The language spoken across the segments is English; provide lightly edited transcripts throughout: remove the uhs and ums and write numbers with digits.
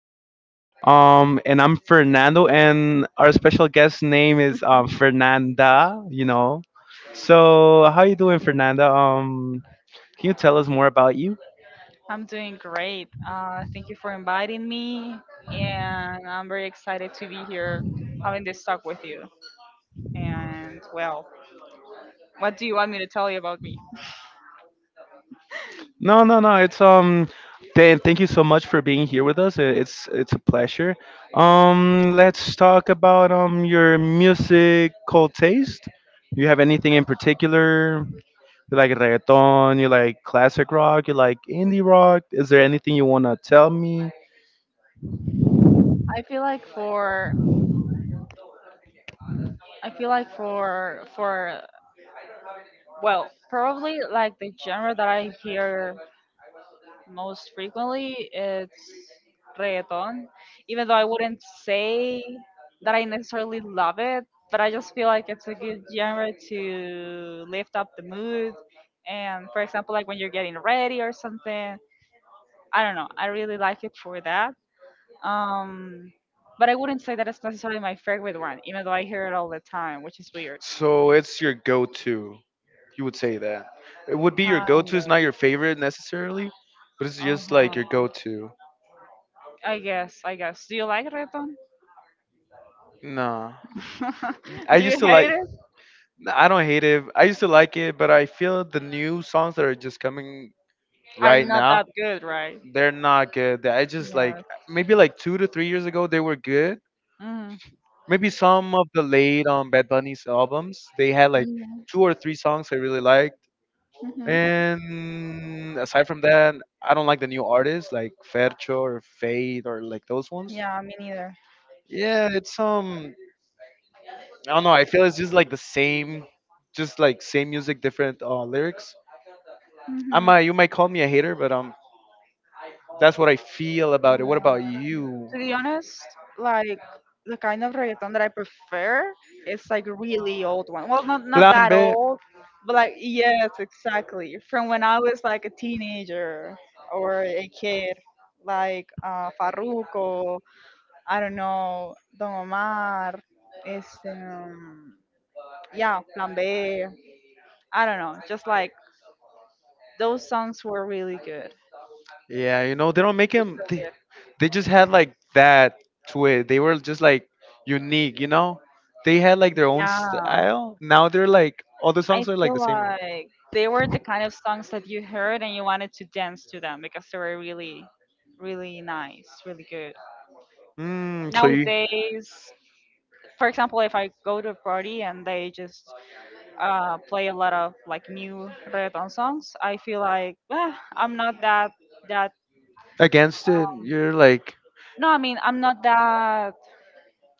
guest, and I'm Fernando, and our special guest name is Fernanda. So how you doing, Fernanda? Can you tell us more about you? I'm doing great. Thank you for inviting me, and I'm very excited to be here having this talk with you. And, well, what do you want me to tell you about me? No, no, no. It's Dan, thank you so much for being here with us. It's a pleasure. Let's talk about your musical taste. Do you have anything in particular? You like reggaeton, you like classic rock, you like indie rock. Is there anything you want to tell me? I feel like for I feel like for Well, probably like the genre that I hear most frequently, it's reggaeton, even though I wouldn't say that I necessarily love it, but I just feel like it's a good genre to lift up the mood, and for example, like when you're getting ready or something, I don't know, I really like it for that. um but I wouldn't say that it's necessarily my favorite one, even though I hear it all the time, which is weird. So it's your go to. You would say that. It would be your go Kind to. of. It's not your favorite necessarily, but it's just like your Uh-huh. go to. I guess, I guess. Do you like reggaeton? No. I Do you used to hate like, it? I don't hate it. I used to like it, but I feel the new songs that are just coming Are right not now, that good, right? they're not good. I just like, Yes. maybe like 2 to 3 years ago, they were good, Mm-hmm. maybe some of the late Bad Bunny's albums. They had like two or three songs I really liked. Hmm. And aside from that, I don't like the new artists like Fercho or Fade or like those ones. Yeah, me neither. Yeah, it's I don't know, I feel it's just like the same, just like same music, different lyrics. I Mhm. might You might call me a hater, but that's what I feel about it. What Yeah. about you? To be honest, like the kind of reggaeton that I prefer is like really old one. Well, not Plan that B. old, but like, yes, exactly. From when I was like a teenager or a kid, like Farruko, I don't know, Don Omar, is yeah, Plan B. I don't know, just like those songs were really good. Yeah, you know, they don't make them. They just had like that to it. They were just like unique, you know. They had like their own Yeah. style. Now they're like all the I songs are like feel the same one. like they were the kind of songs that you heard and you wanted to dance to them because they were really, really nice, really good. Mm, so you Nowadays, for example, if I go to a party and they just play a lot of like new reggaeton songs, I feel like, "Ah, I'm not that. against it? um, You're like, No, I mean, I'm not that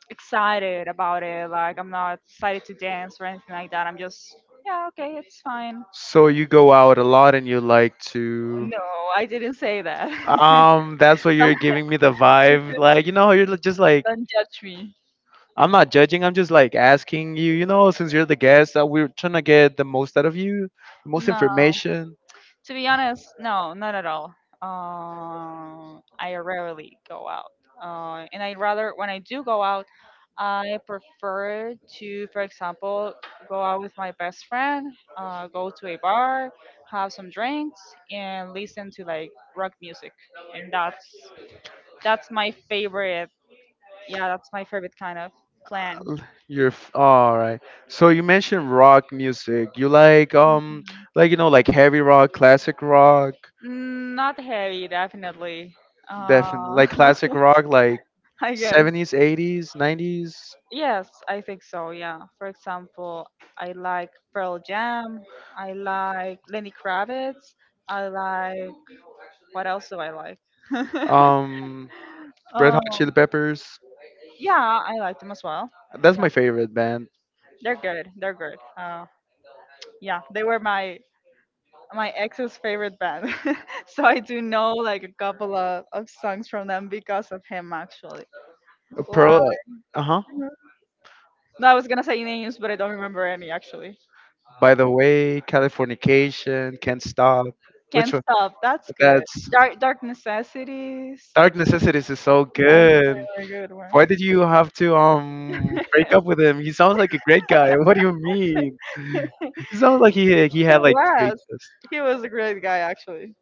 excited about it. Like, I'm not excited to dance or anything like that. I'm just Yeah, okay, it's fine. so you go out a lot and you like to. No, I didn't say that. That's why No. you're giving me the vibe. Like, you know, just like Don't judge me. I'm not judging. I'm just like asking you, you know, since you're the guest, we're trying to get the most out of you, the most No, information. to be honest, no, not at all. I rarely go out, and I rather, when I do go out, I prefer to, for example, go out with my best friend, go to a bar, have some drinks, and listen to like rock music, and that's my favorite. Yeah, that's my favorite kind of plan. Uh, all right. So you mentioned rock music. You Mhm. like you know like heavy rock, classic rock, Mm, not heavy, definitely. definitely Uh, like classic rock like I guess. 70s, 80s, 90s. Yes, I think so. Yeah. For example, I like Pearl Jam. I like Lenny Kravitz. I like, what else do I like? Um Red um, Hot Chili Peppers. yeah, I like them as well. That's Yeah, my favorite band. they're good. They're good. Yeah, they were my ex's favorite band, so I do know like a couple of songs from them because of him, actually. La- Pearl uh-huh. no, I was gonna say names, but I don't remember any, actually. By the way, Californication, Can't Stop. Which Can't one? stop. That's good. That's Dark Dark Necessities. Dark Dark Necessities is so That's a good. really good one. Why did you have to break up with him? He sounds like a great guy. What do you mean? He sounds like he He had like great was. taste. He was a great guy, actually.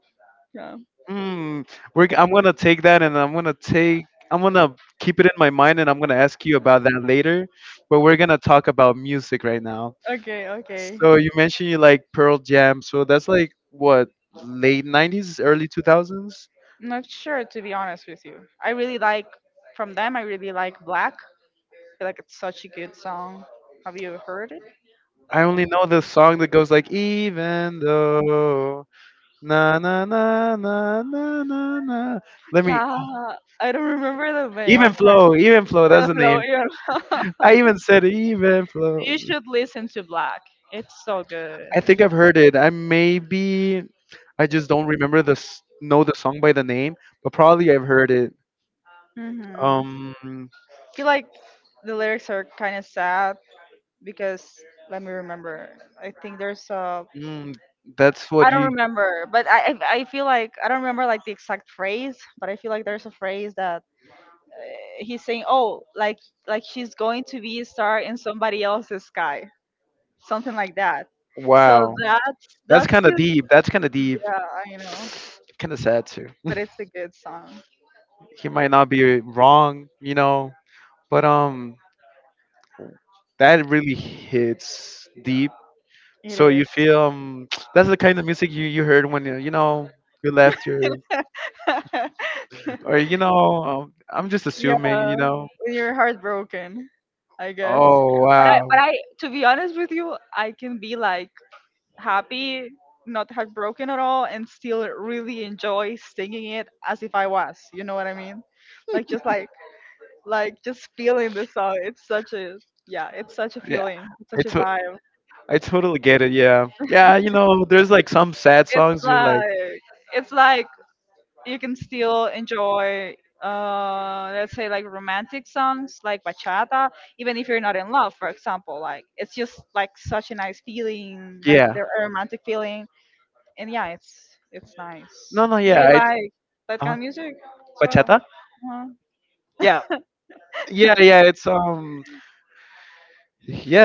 Yeah. Hmm. I'm gonna take that and I'm gonna keep it in my mind and I'm gonna ask you about that later. But we're gonna talk about music right now. Okay, okay. So you mentioned you like Pearl Jam. So that's like what, late '90s, early 2000s. I'm not sure, to be honest with you. I really like From them I really like Black. I feel like it's such a good song. Have you heard it? I only know the song that goes like even though. Na na na na na na na. Let me Yeah, I don't remember the name. even I'm trying. flow, even flow. Yeah, That's the Blow, name. I yeah. even said even flow. You should listen to Black. It's so good. I think I've heard it. I maybe, I just don't remember know the song by the name, but probably I've heard it. hmm Um, I feel like the lyrics are kind of sad, because, let me remember. I think there's a mm, that's I what don't you. remember, but I feel like, I don't remember like the exact phrase, but I feel like there's a phrase that he's saying, "Oh, like she's going to be a star in somebody else's sky." Something like that. Wow. Wow, that's that's kind of just deep. That's kind of deep. Yeah, I know. Kind of sad too. But it's a good song. He might not be wrong, you know, but that really hits deep. It So you is. feel that's the kind of music you heard when you know you left your or you know I'm just assuming Yeah, you know. when you're heartbroken, I guess. Oh But I, wow, but I, to be honest with you, I can be like happy, not heartbroken at all, and still really enjoy singing it as if I was. You know what I mean? Like, just like just feeling the song. It's such a, yeah, it's such a yeah, feeling. It's I such a to- vibe. I totally get it. Yeah, yeah, you know, there's like some sad It's songs. You're like, like, it's like you can still enjoy, let's say, like romantic songs like bachata, even if you're not in love, for example. Like, it's just like such a nice feeling, like yeah, the romantic feeling. And yeah, it's nice. no, no, Do yeah, you I, like that kind uh, of music as well? bachata. uh Yeah, yeah, it's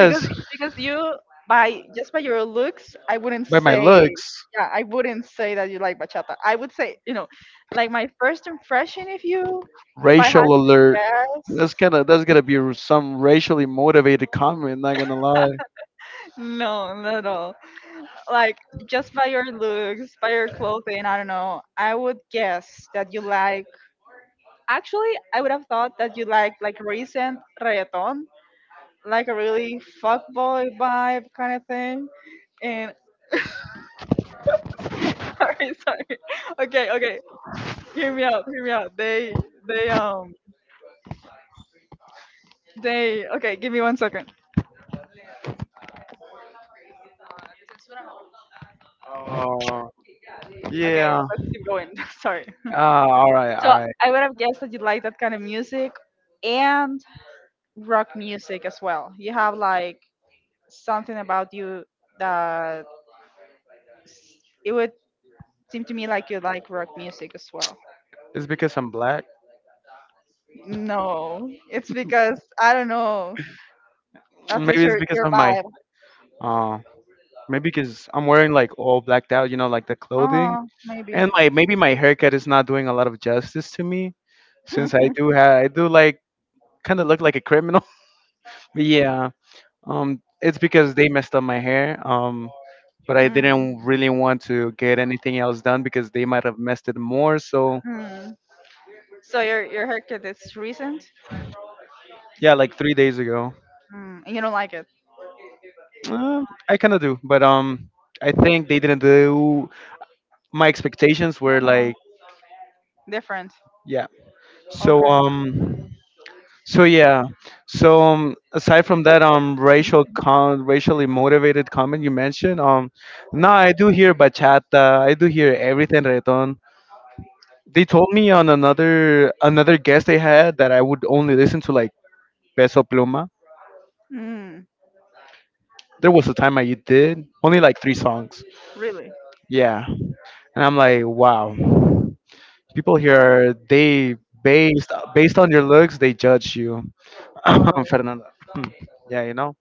because, you, by just by your looks, I wouldn't by my say. looks, Yeah i wouldn't say that you like bachata. I would say, you know, like, my first impression of you, if I had racial to alert. That's guess. gonna be some racially motivated comment. Not gonna lie. No, not at all. Like, just by your looks, by your clothing, I don't know, I would guess that you like. Actually, I would have thought that you like recent reggaeton, like a really fuckboy vibe kind of thing. And sorry, sorry. Okay, okay. Hear me out. Hear me out. They, they. Okay, give me one second. Oh. Okay, Yeah, let's keep going. Sorry. ah, all right, all So, right. I would have guessed that you like that kind of music and rock music as well. You have like something about you that s- it would seem to me like you like rock music as well. It's because I'm black. No, it's because I don't know. That's just Maybe it's your because your of my vibe. uh maybe because I'm wearing like all blacked out, you know, like the clothing. Oh, maybe. And like maybe my haircut is not doing a lot of justice to me since I do like kind of look like a criminal. But yeah, it's because they messed up my hair. But I Mm, didn't really want to get anything else done because they might have messed it more. So, mm. So your haircut is recent, yeah, like 3 days ago. mm, and you don't like it. Uh, I kind of do, but I think they didn't do, my expectations were Uh-huh. like Different. yeah. So Okay. So yeah. So aside from that racially motivated comment you mentioned, no, I do hear bachata, I do hear everything reggaeton. They told me on another guest they had that I would only listen to like Peso Pluma. Mm, There was a time I did only like 3 songs. really. Yeah. And I'm like, wow. People here they based on your looks, they judge you. Totally. Fernando. Yeah, you know.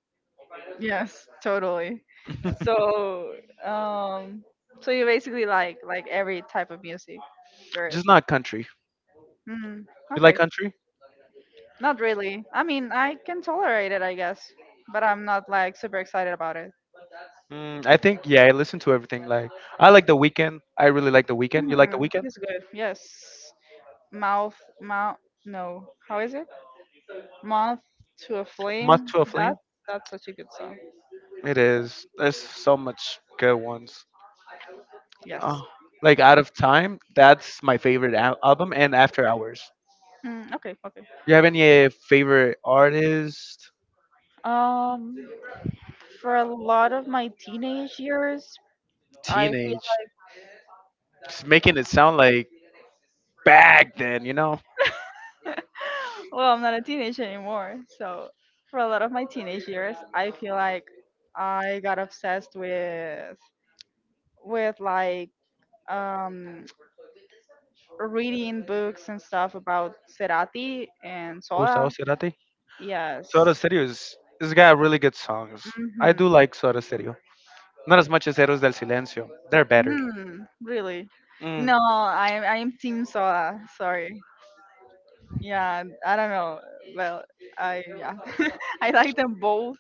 Yes, totally. So, um, so, you basically like every type of music there Just is. not country. Mm, You like okay. country? Not really. I mean, I can tolerate it, I guess, but I'm not like super excited about it. Mm, I think yeah. I listen to everything. Like I like The Weekend. I really like The Weekend. You like The Hmm. Weekend? It's good. Yes. Mouth, mouth. No. How is it? Mouth to a Moth flame. to a Flame. That that's such a good song. It is. There's so much good ones. Yes. Oh, like Out of Time. That's my favorite al- album. And After Hours. Mm, okay. Okay. You have any favorite artist? Um, for a lot of my teenage years, I feel Teenage. Just making it sound like back then. You know. well, I'm not a teenager anymore. So for a lot of my teenage years, I feel like I got obsessed with like, um reading books and stuff about Cerati and Gustavo Soda. Cerati. Soda Yes. Stereo is. This guy really good songs. I do Mhm. like Soda Stereo. Not as much as Héroes del Silencio. They're better. Mm, really? Mm. No, I'm Team Soda. Sorry. Yeah, I don't know. Well, I yeah, I like them both,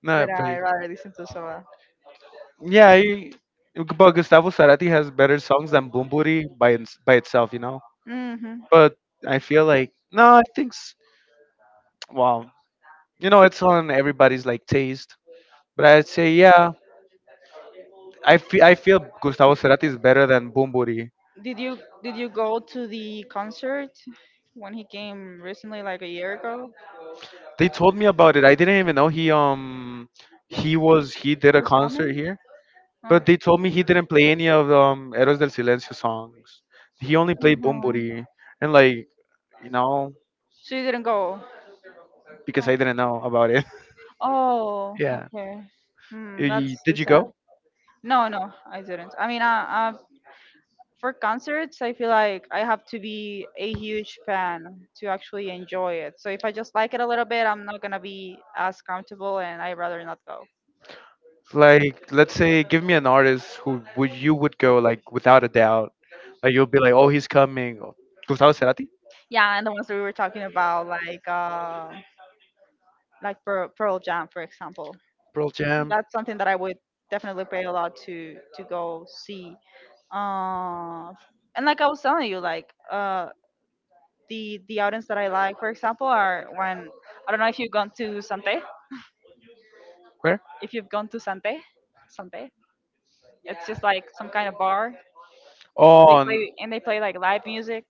No, but but I rather listen to Soda. yeah, but Gustavo Cerati has better songs than Boom Booty by itself, you know. Hmm. But I feel like no, well, you know, it's on everybody's like taste. But I'd say yeah, I feel Gustavo Cerati is better than Boom Booty. Did you did you go to the concert when he came recently, like a year ago? They told me about it. I didn't even know he was he did a This summer? concert here, Huh? but they Mhm. told me he didn't play any of Eros del Silencio songs. He only played Boom Booty, and like you know So you didn't go? Huh. because I didn't know about it. Oh, Yeah. okay. Hmm, that's too Did you sad. go? No, no, I didn't. I mean, for concerts, I feel like I have to be a huge fan to actually enjoy it. So if I just like it a little bit, I'm not gonna be as comfortable, and I'd rather not go. Like, let's say, give me an artist who would go like without a doubt. Like you'll be like, oh, he's coming. Oh, Gustavo Cerati, Yeah, and the ones that we were talking about, like Pearl Jam, for example, Pearl Jam. that's something that I would definitely pay a lot to go see. Uh, and like I was telling you, like, the audience that I like, for example, are when, I don't know if you've gone to Sante, Where? if you've gone to Sante, Sante, it's just like some kind of bar, and they Oh, play and they play like live music.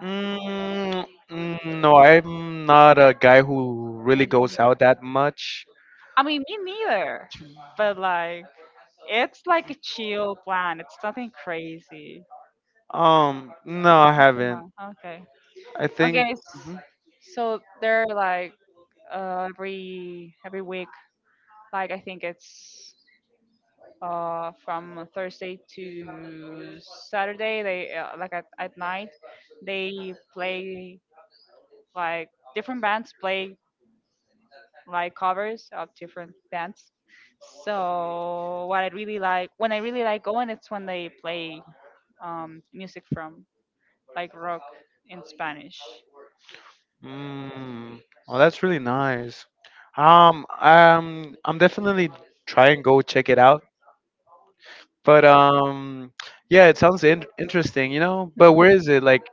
mm, mm, no, I'm not a guy who really And, goes out that much. I mean, me neither, but like, it's like a chill plan. It's nothing crazy. No, I haven't. Uh-huh. Okay, I think. okay. s- Mhm. so they're like, every week. Like, I think it's, from Thursday to Saturday. They, like at night, they play like different bands play like covers of different bands. So what I really like, when I really like going, it's when they play music from, like, rock in Spanish. Mm, oh, that's really nice. I'm definitely try and go check it out. But yeah, it sounds interesting, you know. But where is it? Like,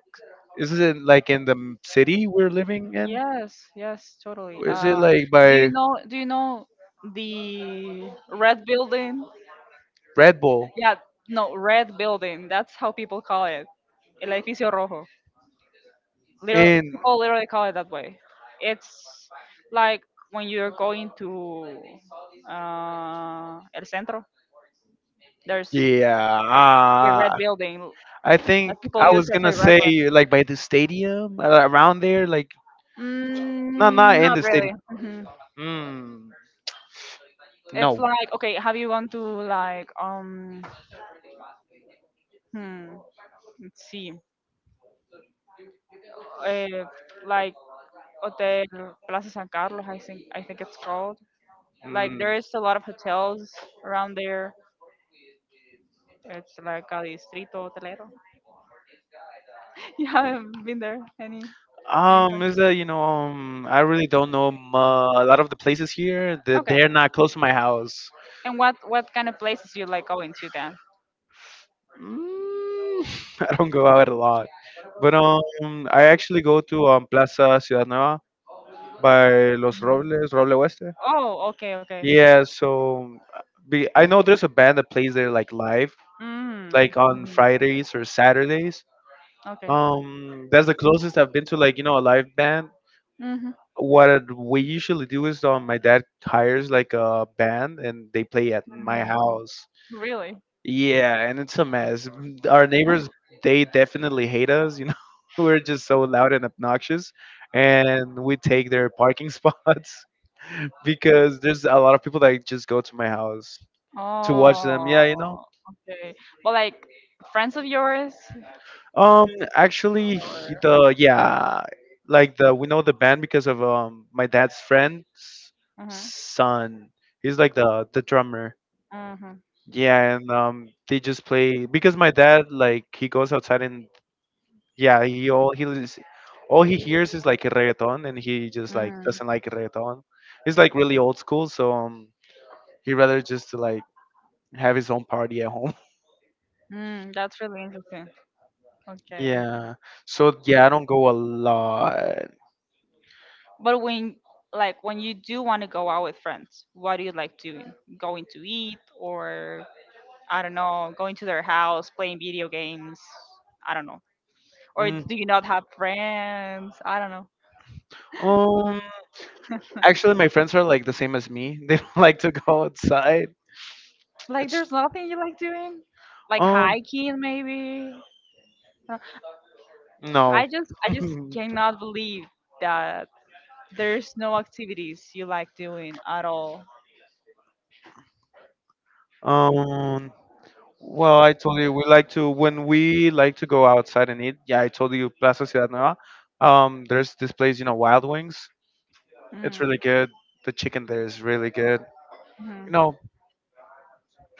is it like in city we're living in? Yes, yes, totally. Is it like do you by know? Do you know the red building? Red Bull? Yeah, no, red building. That's how people call it. El edificio rojo. Little In people literally call it that way. It's like when you're going to, El Centro, there's a yeah, red ah, building I that think people I use was as a gonna reference. say like by the stadium around there. Like, no, Mm, not in not the really. stadium. Mhm. Mm, It's no. like, okay, have you gone to like, hmm, let's see, uh, like, Hotel Plaza San Carlos, I think it's called. Like, Mm. there is a lot of hotels around there. It's like a distrito hotelero. You haven't been there any time. Is that you know, I really don't know mu a lot of the places here. That Okay. they're not close to my house. And what kind of places you like going to then? Mm, I don't go out a lot, but I actually go to Plaza Ciudad Nueva by Los Mhm. Robles, Roble Oeste. Oh, okay, okay. Yeah, so I know there's a band that plays there like live, Mm. like Mhm. on Fridays or Saturdays. Okay. That's the closest I've been to like you know a live band. Mm-hmm. What we usually do is my dad hires like a band and they play at my Mm. house. Really? Yeah, and it's a mess. Our neighbors, they definitely hate us. You know, we're just so loud and obnoxious, and we take their parking spots because there's a lot of people that just go to my house to watch them. Oh, Yeah, you know. okay. But like, friends of yours? Um, actually, he- the yeah, like the we know the band because of my dad's friend's Hmm. son. He's like the drummer. Mm-hmm. Yeah, and they just play because my dad like he goes outside and yeah he all he lis- all he hears is like reggaeton and he just like Mm. doesn't like reggaeton. He's like really old school, so he rather just to like have his own party at home. Mm, that's really interesting. Okay. Yeah. So yeah, I don't go a lot. But when, like when you do want to go out with friends, what do you like doing? Going to eat, or I don't know, going to their house, playing video games. I don't know. Or Mm. do you not have friends? I don't know. um, Actually, my friends are like the same as me. They don't like to go outside. Like, It's there's nothing you like doing? Like um hiking maybe? Uh, no. I just cannot believe that there's no activities you like doing at all. Um. Well, I told you we like to go outside and eat. Yeah, I told you Plaza Ciudad Nueva. There's this place, you know, Wild Wings. It's Mm. really good. The chicken there is really good. You Mhm. know,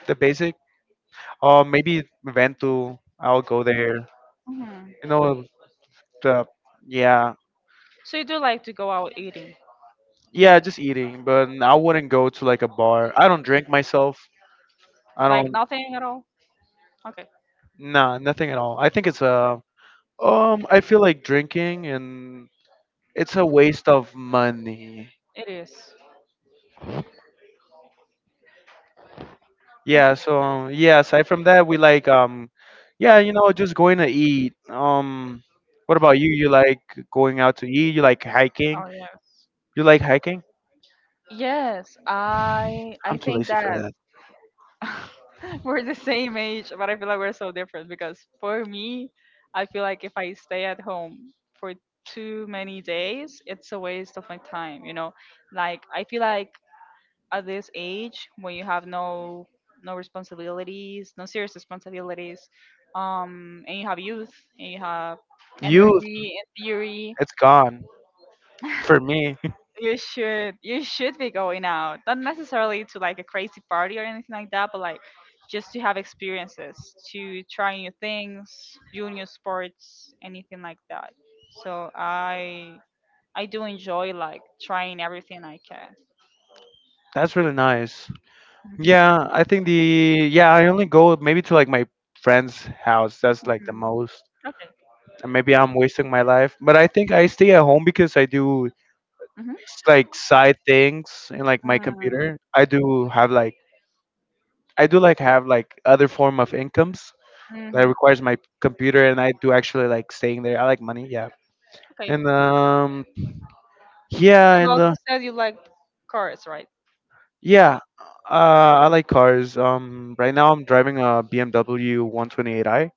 the basic. Maybe Ventu. I'll go there. Mhm. You know, the yeah, So you do like to go out eating? yeah, just eating. But I wouldn't go to like a bar. I don't drink myself. I Like don't. nothing at all? Okay, Nah, nothing at all. I feel like drinking, and it's a waste of money. it is. Okay. Aside from that, we like just going to eat. What about you? You like going out to eat? You like hiking? Oh yes. You like hiking? Yes, I I'm I too think lazy for that that. we're the same age, but I feel like we're so different because for me, I feel like if I stay at home for too many days, it's a waste of my time, you know? Like I feel like at this age when you have no responsibilities, no serious responsibilities, and you have youth and you have Youth, energy and theory, it's gone for me. you should be going out. Not necessarily to like a crazy party or anything like that, but like just to have experiences, to try new things, do new sports, anything like that. So I do enjoy like trying everything I can. That's really nice. Mhm. Yeah, I think the yeah, I only go maybe to like my friend's house. That's like the Mhm. most. Okay. And maybe I'm wasting my life. But I think I stay at home because like side things in like my Mhm. computer. I do like have like other form of incomes that Hmm. requires my computer, and I do actually like staying there. I like money, yeah. Okay. You And yeah, and also said you like cars, right? yeah, I like cars. Right now I'm driving a BMW 128i.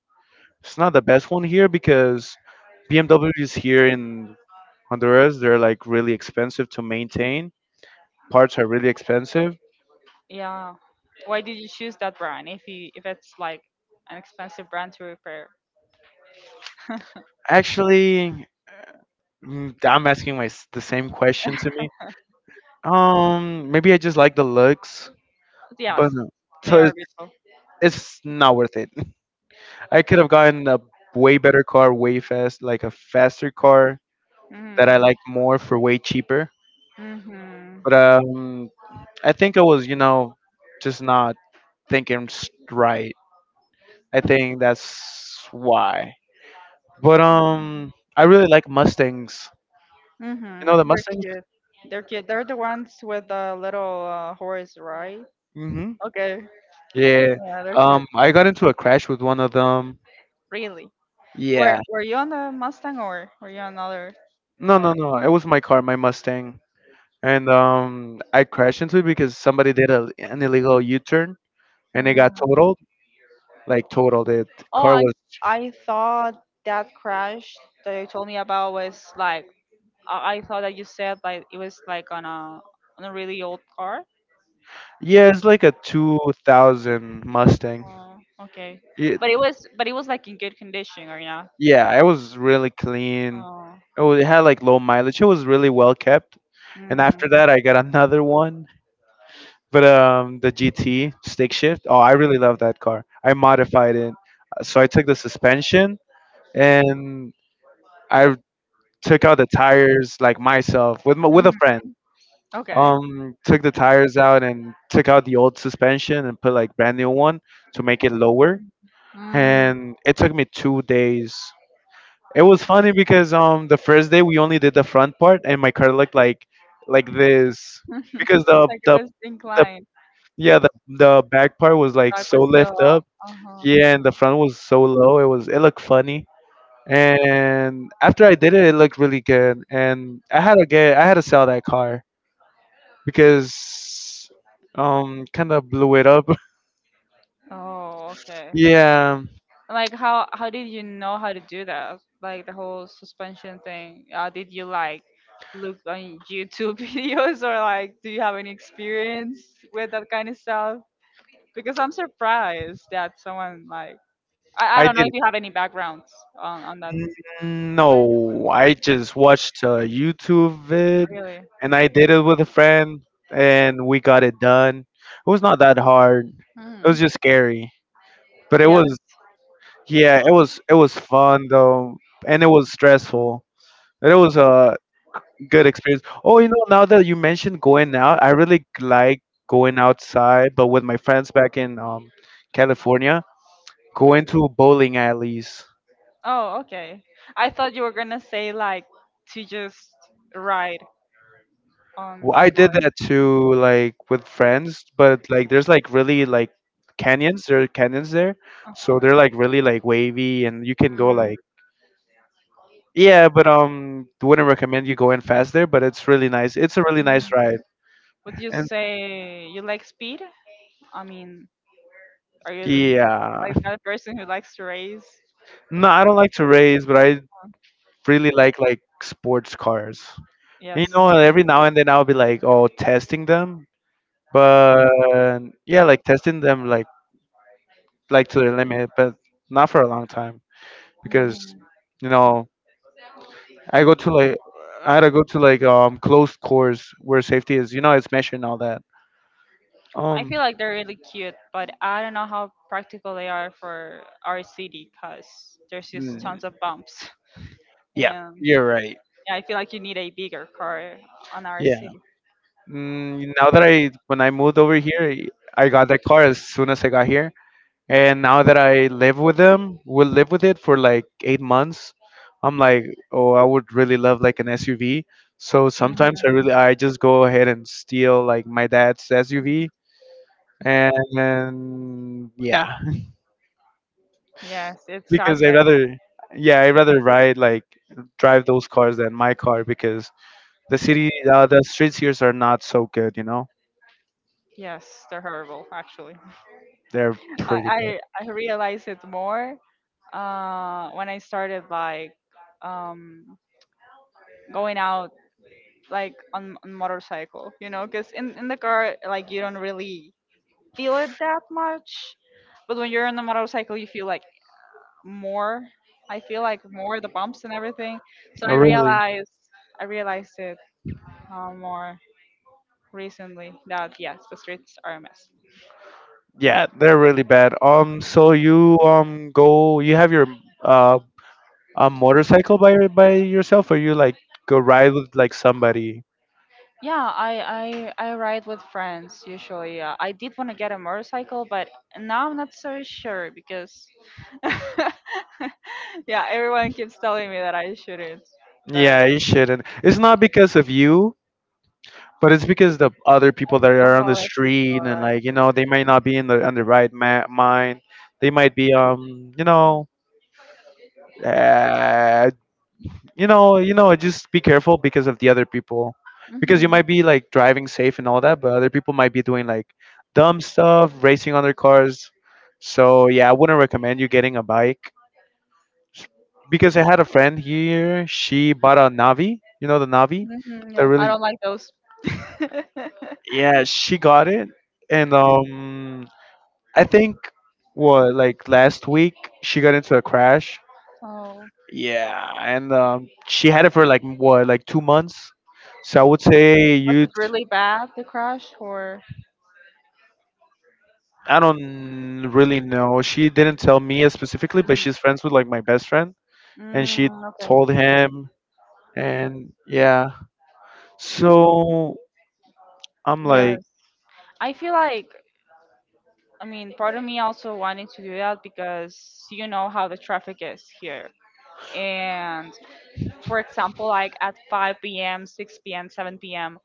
It's not the best one here because BMWs here in Honduras, they're like really expensive to maintain parts are really expensive. Yeah. Why did you choose that brand if it's like an expensive brand to repair? Actually, I'm asking my s- the same question to me. Maybe I just like the looks, but Yes, no. they so are it's, beautiful. it's not worth it. I could have gotten a way better car, way fast, like a faster car that I Mm-hmm. like more for way cheaper. Mm-hmm. But I think I was, you know, just not right. I think that's why. But I really like Mustangs. You know the Mm-hmm. They're Mustangs? cute. They're cute. They're the ones with the little horse, right? Okay. Yeah. Yeah, they're cute. I got into a crash with one of them. Really. Were Yeah. Were you on the Mustang, or were you on another No, no, car? no. it was my car, my Mustang. And I crashed into it because somebody did an illegal U-turn and it got Mm. totaled. Like totaled it. Oh, Car I was I thought that crash that you told me about was like I thought that you said like it was like on a really old car. Yeah, it's like a 2000 Mustang. Oh, okay. It, But it was like in good condition or not? yeah, it was really clean. Oh. It had like low mileage. It was really well kept. And after Mm. that, I got another one. But The GT stick shift, oh, I really love that car. I modified it. So I took the suspension and I took out the tires like myself with Mhm. a friend. Okay. Took the tires out and took out the old suspension and put like brand new one to make it lower. Mm. And it took me 2 days. It was funny because the first day we only did the front part and my car looked like this because Like it the was inclined. yeah, the back part was like That so was still lift up. up. Uh huh. Yeah, and the front was so low. It looked funny. And after I did it, it looked really good. And I had to sell that car because kind of blew it up. Oh, okay. Yeah, Like how did you know how to do that? Like the whole suspension thing. Did you like look on YouTube videos, or like do you have any experience with that kind of stuff? Because I'm surprised that someone like I I don't know did. if you have any backgrounds on that, No, I just watched a YouTube vid really. and I did it with a friend and we got it done. It was not that hard. It Hmm. was just scary, but it Yeah. was Yeah, it was fun though, and it was stressful. But it was a good experience. Oh, you know, now that you mentioned going out, I really like going outside, but with my friends back in California, going to bowling alleys. Oh, okay. I thought you were gonna say like to just ride on Well, on I did cars. that too, like with friends, but like there's like really like canyons. There are canyons there, so Uh-huh. they're like really like wavy, and you can go Mm, like yeah, but wouldn't recommend you going fast there, but it's really nice. It's a really nice ride. Would you And say you like speed? I mean, are you the, yeah. like that person who likes to raise? No, I don't like to race, but I Uh, really like sports cars. You Yes. know, every now and then I'll be like, oh, testing them, but yeah, like testing them like to the limit, but not for a long time because you know I go to like I had to go to like closed course where safety is. You know, it's measured and all that. I Um, feel like they're really cute, but I don't know how practical they are for our city because there's just mm, tons of bumps. yeah, And you're right. yeah, I feel like you need a bigger car on our Yeah. city. Mm, now that I when I moved over here, I got that car as soon as I got here. And now that I live with them, will live with it for like 8 months. I'm like, oh, I would really love like an SUV. So Mhm. sometimes I just go ahead and steal like my dad's SUV, and then yeah, Yes, it's sad, because but yeah, I rather ride like drive those cars than my car because the city, the streets here are not so good, you know, yes, they're horrible actually. they're I, pretty bad. I I realized it more when I started like um, going out like on motorcycle, because in the car, like, you don't really feel it that much, but when you're on the motorcycle you feel like more. I feel like more the bumps and everything, so Oh, i really? realized i realized it more recently that yes, the streets are a mess. Yeah, they're really bad. So you go, you have your uh a motorcycle by yourself, or you like go ride with like somebody? Yeah, I ride with friends usually. I did want to get a motorcycle, but now I'm not so sure because yeah, everyone keeps telling me that I shouldn't. But Yeah, you shouldn't. It's not because of you. But it's because the other people Of that are of on the all the people, street and right? like you know they might not be in the on the right mind. They might be you know uh, you know just be careful because of the other people Because. because you Mhm. might be like driving safe and all that, but other people might be doing like dumb stuff, racing on their cars. So yeah, I wouldn't recommend you getting a bike. S- because I had a friend here. She bought a Navi. You know the Navi. Mhm. That Yeah, I really don't like those. yeah she got it and I think what like last week she got into a crash. Oh, Yeah, and she had it for like what like 2 months. So I would say was you. it really bad, the crash, or? I don't really know. She didn't tell me specifically, but Mm, she's friends with like my best friend, and she mm, okay. told him. And yeah, so I'm like, Yes. I feel like, I mean, part of me also wanting to do that because you know how the traffic is here. And for example, like at 5 p.m., 6 p.m., 7 p.m.,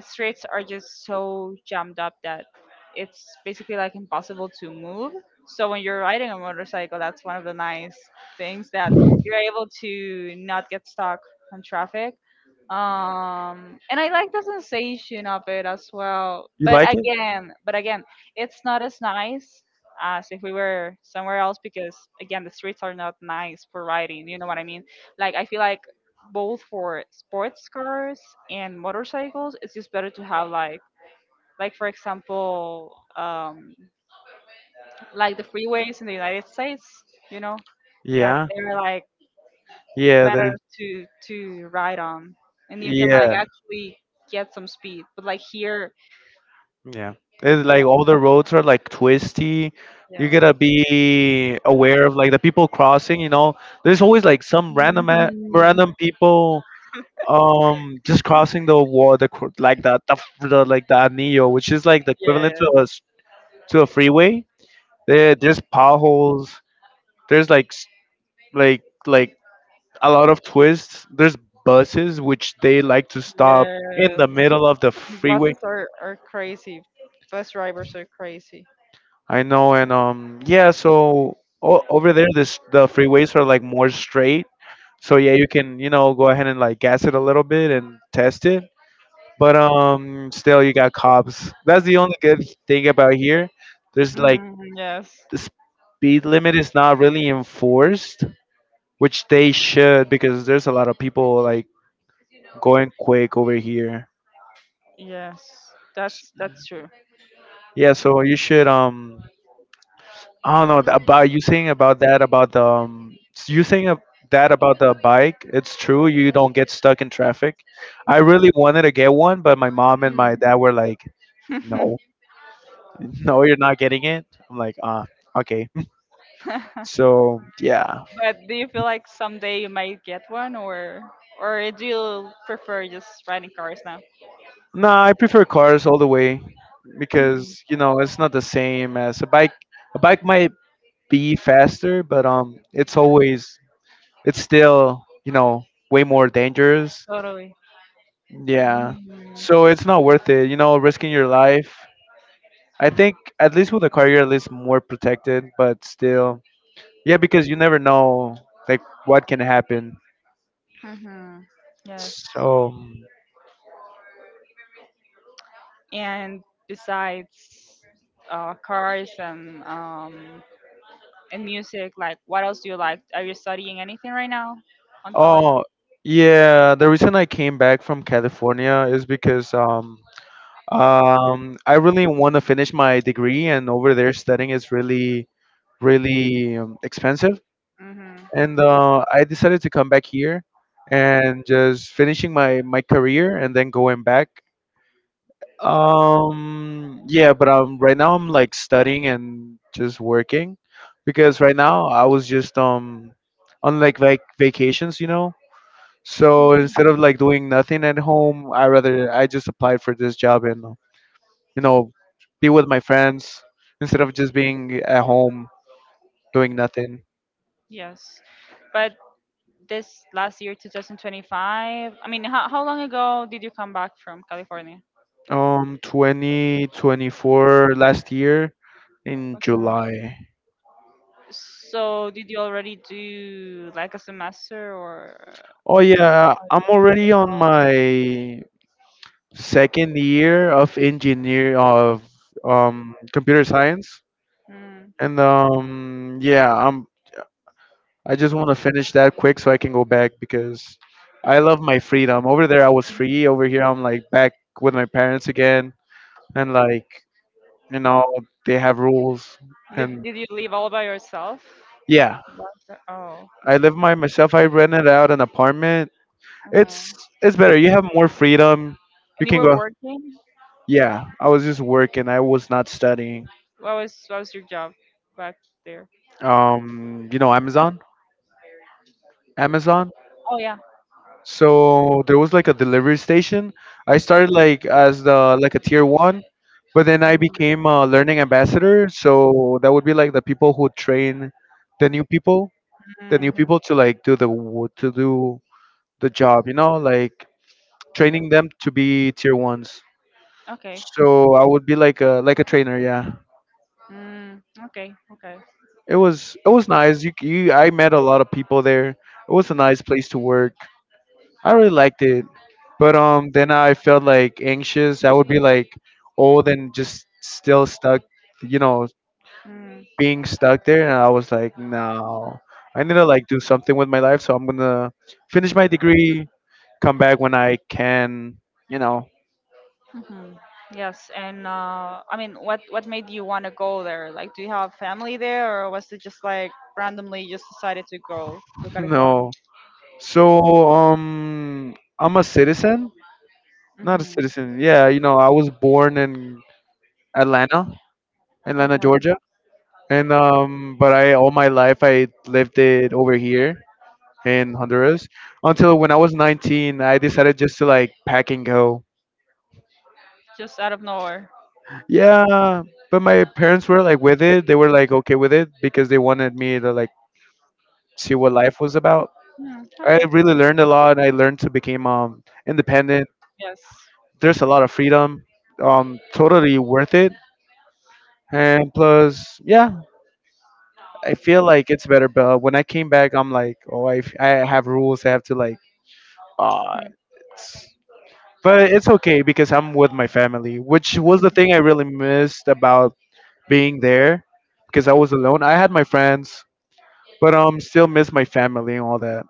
streets are just so jammed up that it's basically like impossible to move. So when you're riding a motorcycle, that's one of the nice things, that you're able to not get stuck on traffic. And I like the sensation of it as well. you But like it? again, it's not as nice as if we were somewhere else because again, the streets are not nice for riding. You know what I mean? Like I feel like both for sports cars and motorcycles, it's just better to have like for example, like the freeways in the United States, you know that Yeah, they're like yeah, the, better to ride on, and you can like yeah. actually get some speed. But like here, Yeah. It's like all the roads are like twisty. yeah, You yeah. gotta be aware of like the people crossing, you know. There's always like some Mhm. random people just crossing the wall the cr- like the like the anillo, which is like the equivalent Yes, to a freeway. There there's potholes. There's like like a lot of twists. There's buses which they like to stop in yes, the middle of the and freeway. buses are crazy. Bus drivers are crazy. I know, and yeah. So o over there, this the freeways are like more straight. So yeah, you can you know go ahead and like gas it a little bit and test it. But still you got cops. That's the only good thing about here. There's like Mm, yes. the speed limit is not really enforced, which they should because there's a lot of people like going quick over here. Yes, that's true. Yeah, so you should I don't know about you saying about that about the you saying that about the bike. It's true. You don't get stuck in traffic. I really wanted to get one, but my mom and my dad were like, Mm. "No, no, you're not getting it." I'm like, "Ah, okay." So yeah, But do you feel like someday you might get one, or do you prefer just riding cars now? nah, I prefer cars all the way Mhm. because you know it's not the same as a bike. A bike might be faster, but it's always it's still you know way more dangerous. Totally. Yeah. Mhm. So it's not worth it, you know, risking your life. I think at least with a car, you're at least more protected, but still, yeah, because you never know like what can happen. Mhm. Yes. Oh, So, And besides cars and music, like what else do you like? Are you studying anything right now on college? oh, yeah, the reason I came back from California is because I really want to finish my degree, and over there studying is really really expensive. Mm-hmm. And I decided to come back here and just finishing my my career and then going back. Yeah, but Right now I'm like studying and just working because right now I was just on like vacations, you know. So instead of like doing nothing at home, I just applied for this job and you know be with my friends instead of just being at home doing nothing. Yes. But this last year, 2025. I mean, how long ago did you come back from California? 2024 last year in Okay. July. So, did you already do like a semester or? Oh yeah, I'm already on my second year of engineer of computer science, Hmm. and I just want to finish that quick so I can go back because I love my freedom. Over there I was free, over here I'm like back with my parents again, and like you know they have rules, and Did you live all by yourself? yeah, Yes. Oh. I live by myself. I rented out an apartment. uh It's it's better. You have more freedom. You And you can were go. working? Yeah, I was just working. I was not studying. What was your job back there? You know, Amazon, Amazon. Oh yeah. So there was like a delivery station. I started like as the like a tier one, but then I Mm, became a learning ambassador. So that would be like the people who train the new people, the new mhm. people to like to do the job. You know, like training them to be tier ones. Okay. So I would be like a trainer. Yeah. Mm, okay. Okay. It was nice. You I met a lot of people there. It was a nice place to work. I really liked it. But then I felt like anxious. I would be like old and just still stuck, you know, Mm. being stuck there and I was like, "No. I need to like do something with my life, so I'm going to finish my degree, come back when I can, you know." Hmm. Yes, and I mean, what made you want to go there? Like, do you have family there, or was it just like randomly you just decided to go to California? No. So I'm a citizen, not a Hmm. citizen. Yeah, you know, I was born in Atlanta, Okay, Georgia. And but I all my life I lived it over here in Honduras until when I was 19, I decided just to like pack and go. just out of nowhere. Yeah, but my parents were like with it. They were like okay with it because they wanted me to like see what life was about. Hmm, I okay. really learned a lot. I learned to become independent. Yes. There's a lot of freedom. Totally worth it. And plus, yeah, I feel like it's better. But when I came back, I'm like, oh, I, I have rules. I have to like odds. Hmm. But it's okay because I'm with my family, which was the thing I really missed about being there because I was alone. I had my friends, but still miss my family and all that.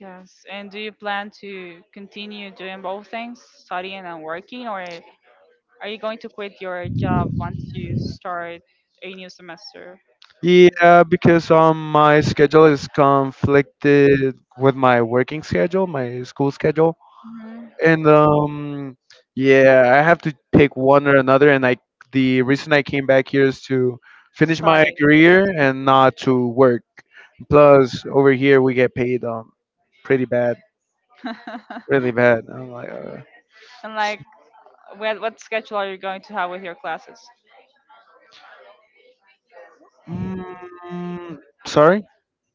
Yes. And do you plan to continue doing both things, studying and working, or are you going to quit your job once you start a new semester? Yeah, because my schedule is conflicted with my working schedule, my school schedule. And Hmm. Yeah, I have to pick one or another. And I, the reason I came back here is to finish my Studying. career and not to work. Plus, over here we get paid pretty bad, really bad. I'm like, And like what schedule are you going to have with your classes? mm, sorry.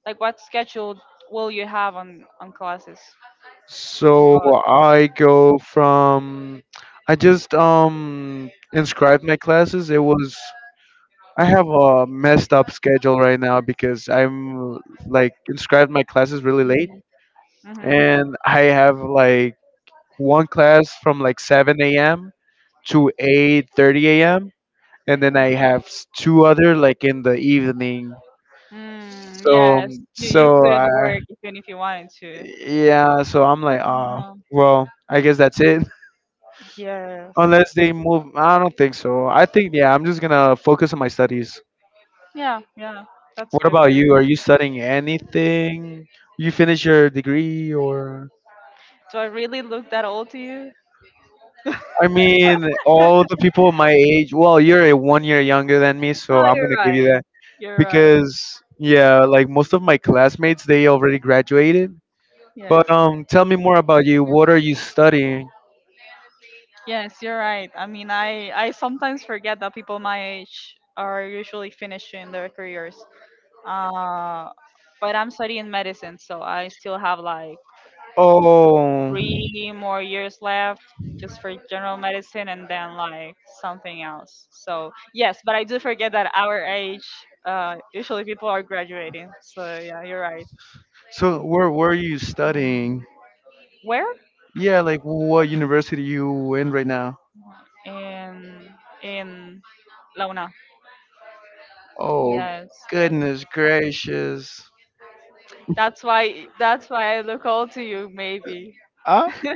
Like what schedule will you have on classes on So college? I go from, I just inscribed my classes. It was. I have a messed up schedule right now because I'm like inscribed my classes really late Mm-hmm. and I have like one class from like 7 a.m. to 8:30 a.m. and then I have two other like in the evening. Mm, So yes, you so I couldn't work even if you wanted to. yeah, so I'm like Mhm. well, I guess that's it. Yes. Unless they move, I don't think so. I think yeah, I'm just gonna focus on my studies. Yeah, yeah. That's What good about for you. you? Are you studying anything? You finish your degree or? Do I really look that old to you? I mean, all the people my age. Well, you're a 1 year younger than me, so No, I'm you're gonna give you right. that You're right. because yeah, like most of my classmates, they already graduated. But Yes. Tell me more about you. What are you studying? Yes, you're right. I mean, I sometimes forget that people my age are usually finishing their careers. Uh, but I'm studying medicine, so I still have like Oh, 3 more years left just for general medicine and then like something else. So yes, but I do forget that our age, usually people are graduating. So yeah, you're right. so where are you Um, studying? Where? Yeah, like what university you in right now? In in Launa. Oh, Yes, yes. goodness gracious. That's why I look old to you maybe. Huh?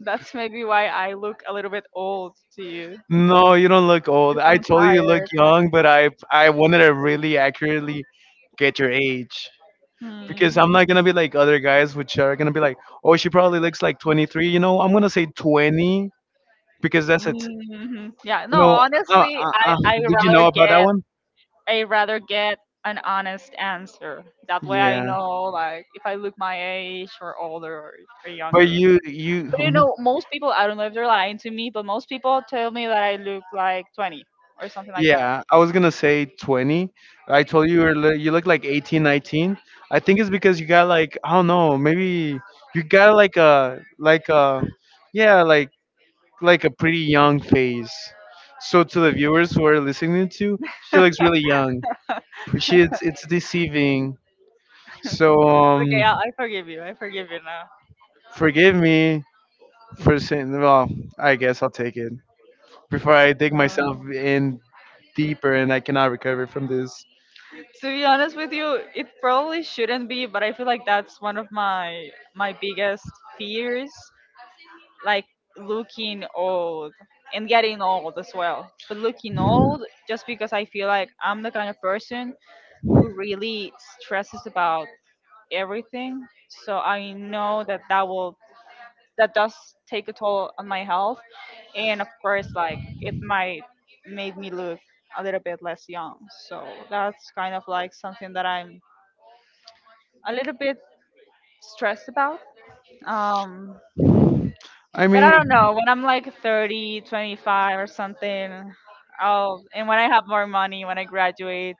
That's maybe why I look a little bit old to you. No, you don't look old. 'Cause I I'm told you you look tired. young, but I wanted to really accurately get your age. Because. Because Hmm. I'm not gonna be like other guys which are gonna be like, oh, she probably looks like 23. You know, I'm gonna say 20 because that's it. Mhm. Yeah, You no, know, uh, honestly, uh, uh, did you know about that one? I rather get an honest answer. That way I Yeah, know like if I look my age or older, or but but younger. you But mhm. Most people, I don't know if they're lying to me, but most people tell me that I look like 20 or something like that. Yeah, I was gonna say 20. I told you you were you look like 18, 19. I think it's because you got like I don't know, maybe you got like a yeah like a pretty young face. So to the viewers who are listening to, she looks really young. She's it's deceiving. So Okay, I forgive you. I forgive you now. forgive me for saying. Well, I guess I'll take it before I dig myself No. in deeper and I cannot recover from this. To be honest with you, it probably shouldn't be, but I feel like that's one of my biggest fears, like looking old and getting old as well. But looking old just because I feel like I'm the kind of person who really stresses about everything. So I know that that will that does take a toll on my health, and of course, like, it might make me look a little bit less young. So that's kind of like something that I'm a little bit stressed about. Um, I but I mean, don't know. When I'm like 30, 25 or something, and when I have more money, when I graduate,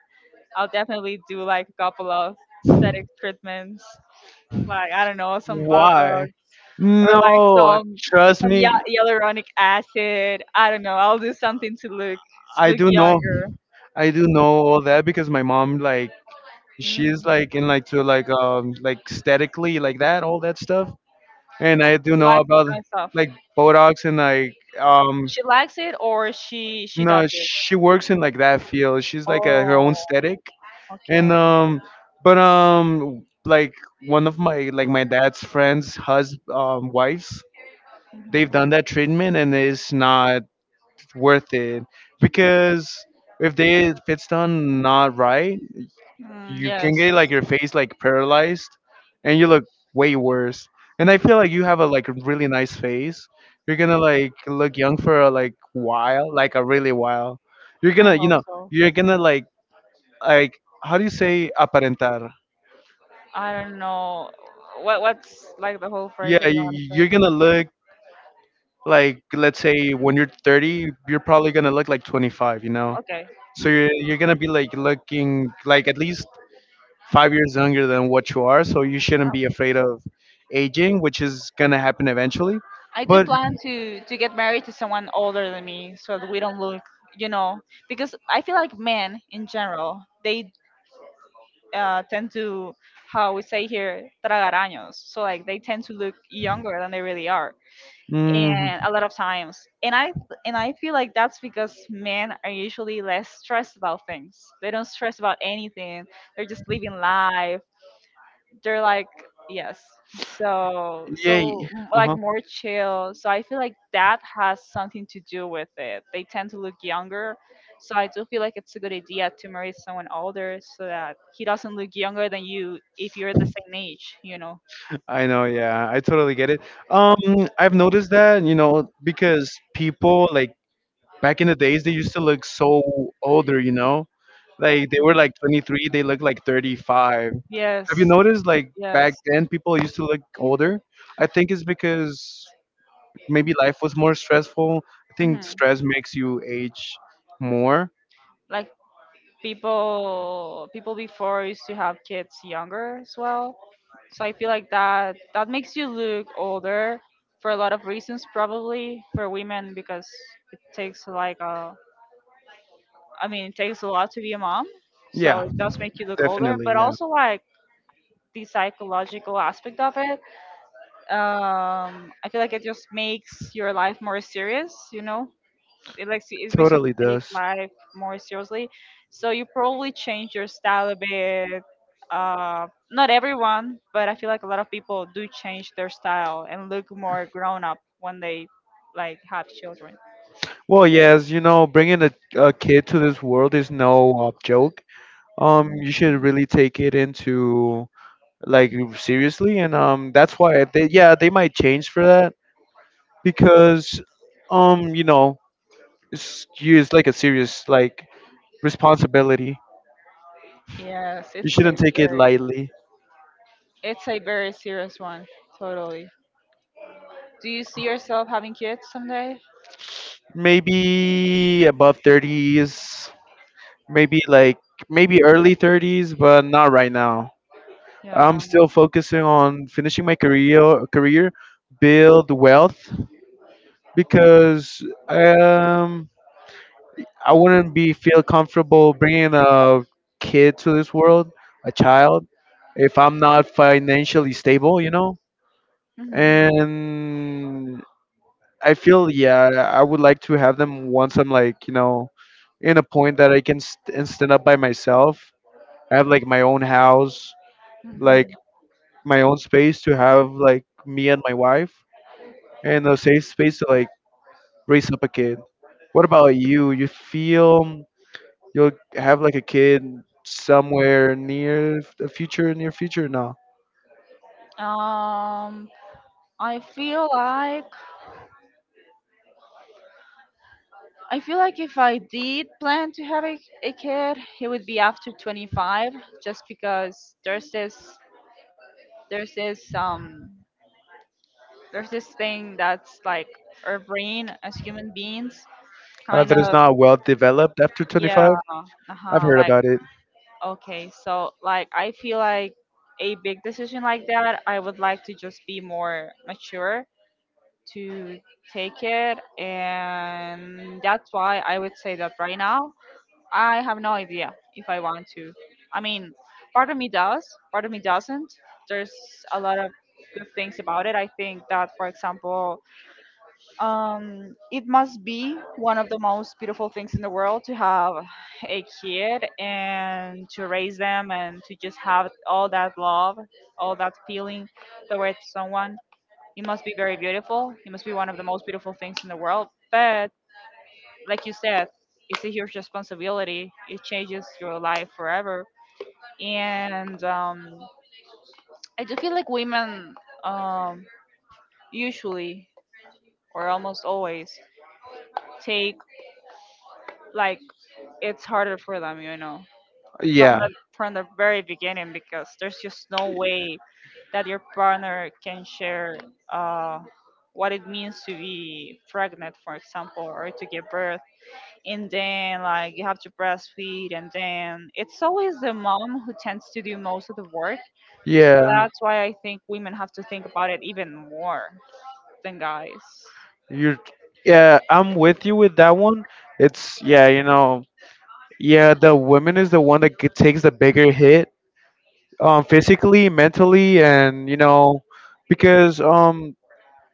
I'll definitely do like a couple of aesthetic treatments. Like, I don't know, some why? Botox, or like No, some trust some ya- me, hyaluronic acid. I don't know. I'll do something to look I do know. younger. I do know all that because my mom like she's Mm. like in like to like like aesthetically like that all that stuff, and I do She know likes that about kind of stuff. like Botox and like um She likes it, or she does no, it. she works in like that field. She's like a, her own Oh, aesthetic, and okay. But like one of my like my dad's friends' hus wives, Mhm. they've done that treatment and it's not worth it because if they if it's done not right, Mm, you can yes, get like your face like paralyzed and you look way worse. And I feel like you have a like really nice face, you're gonna like look young for a like while, like a really while. You're I gonna, you hope know, so. you're gonna like, how do you say aparentar? I don't know what's like the whole phrase Yeah, that you you, want you're to gonna look like, let's say when you're 30 you're probably gonna look like 25, you know? say. Okay. So you're gonna be like looking like at least 5 years younger than what you are, so you shouldn't Uh, be afraid of aging, which is gonna happen eventually. I do But plan to get married to someone older than me so that we don't look, you know, because I feel like men in general, they tend to, how we say here, tragar años, so like they tend to look younger than they really are, mm, and a lot of times, and I feel like that's because men are usually less stressed about things. They don't stress about anything. They're just living life, they're like, yes, so yeah, so m- uh like huh. more chill. So I feel like that has something to do with it. They tend to look younger. So I do feel like it's a good idea to marry someone older so that he doesn't look younger than you if you're the same age. I know, yeah, I totally get it. I've noticed that, you know, because people like back in the days they used to look so older, you know, like they were like Mhm. 23, they look like 35. Have you Yes, noticed like yes, back then people used to look older? I think it's because maybe life was more stressful. I think hmm stress makes you age more. like people before used to have kids younger as well. So I feel like that makes you look older for a lot of reasons, probably for women because it takes like a, I mean, it takes a lot to be a mom, so Yeah, it does make you look older. definitely. But Yeah, also like the psychological aspect of it, I feel like it just makes your life more serious, it like it makes you totally take does. life more seriously. So you probably change your style a bit. Not everyone, but I feel like a lot of people do change their style and look more grown up when they like have children. Well, yes, you know, bringing a kid to this world is no joke. You should really take it into like seriously, and that's why they, yeah, they might change for that because, you know, it's like a serious like responsibility. Yes, You it's a shouldn't take it very lightly. Serious one. Totally. Do you see yourself having kids someday? Maybe above 30s, maybe like maybe early 30s, but not right now. Yeah. I'm still focusing on finishing my career, build wealth because um I wouldn't be feel comfortable bringing a kid to this world, a child, if I'm not financially stable, you know. Mhm. And I feel yeah, I would like to have them once I'm like, you know, in a point that I can st- and stand up by myself. I have like my own house, like Mhm. my own space to have like me and my wife and a safe space to like raise up a kid. What about you? You feel you'll have like a kid somewhere near the future, near future? No, Um, I feel like I feel like if I did plan to have a kid, it would be after 25, just because there's this um there's this thing that's like our brain as human beings kind that is of not well developed after yeah, 25. I've uh-huh, heard like about it. okay, so like I feel like a big decision like that I would like to just be more mature to take it, and that's why I would say that right now I have no idea if I want to. I mean, part of me does, part of me doesn't. There's a lot of good things about it. I think that, for example, it must be one of the most beautiful things in the world to have a kid and to raise them and to just have all that love, all that feeling towards someone. It must be very beautiful. It must be one of the most beautiful things in the world. But like you said, it's a huge responsibility. It changes your life forever. And I do feel like women um, usually or almost always take like it's harder for them, you know, yeah, Yeah, from the very beginning because there's just no way that your partner can share uh, what it means to be pregnant, for example, or to give birth, and then like you have to breastfeed, and then it's always the mom who tends to do most of the work. So yeah. that's why I think women have to think about it even more than guys. You're, yeah, I'm with you with that one. It's, yeah, you know, yeah, the woman is the one that takes the bigger hit, physically, mentally, and, you know, because,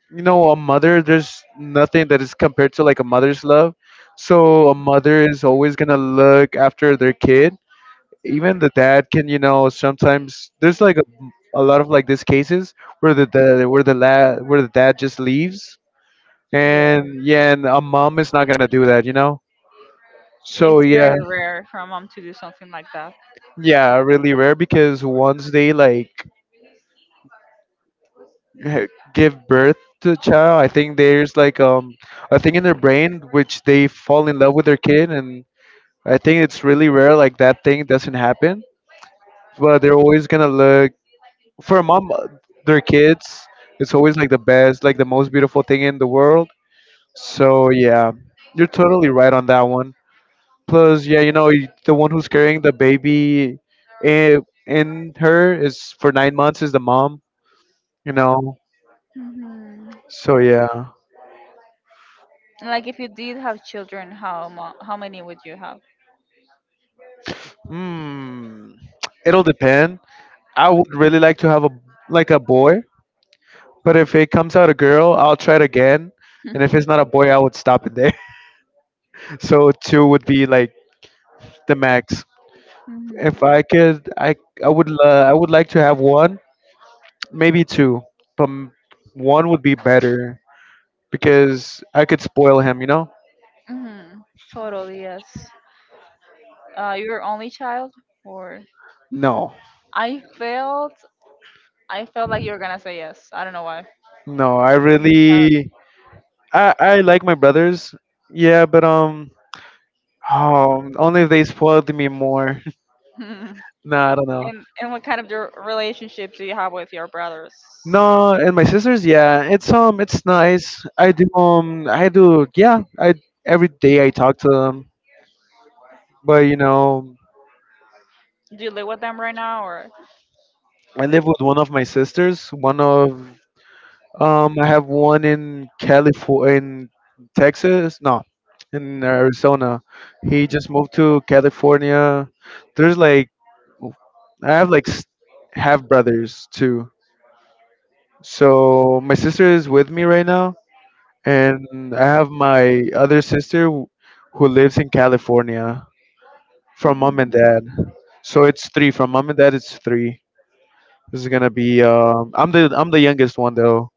you know, a mother, there's nothing that is compared to like a mother's love. So a mother is always gonna look after their kid. Even the dad can, you know, sometimes there's like a lot of like these cases where the dad just leaves. Yeah, And yeah, and a mom is not gonna do that, you know, so it's yeah. very rare for a mom to do something like that. Yeah, really rare because once they like give birth to a child I think there's like a thing in their brain which they fall in love with their kid. And I think it's really rare like that thing doesn't happen, but they're always gonna look for a mom their kids. It's always like the best, like the most beautiful thing in the world. So yeah, you're totally right on that one. Plus yeah, you know, the one who's carrying the baby in, in her is for 9 months is the mom, you know, Hmm. so yeah. Like, if you did have children, how many would you have? Hmm, it'll depend. I would really like to have a like a boy, but if it comes out a girl I'll try it again. And if it's not a boy I would stop it there. So two would be like the max. Hmm. If I could, I would I would like to have one, maybe two, but one would be better because I could spoil him, you know? Hmm. Totally, yes. Your only child, or No, I felt, I felt like you were gonna say yes. I don't know why. no, I You really I like my brothers, yeah, but oh, only if they spoiled me more. have. Nah, I don't know. And what kind of your relationship do you have with your brothers? No, and my sisters, yeah, it's nice. I do, yeah, I every day I talk to them, but you know, Do you live with them right now or? I live with one of my sisters, one of I have one in California, in Texas, no, in Arizona. He just moved to California. There's like, I have like half brothers too. So my sister is with me right now, and I have my other sister who lives in California from mom and Mhm. dad. So it's three from mom and dad. It's three. This is gonna be. I'm the youngest one though.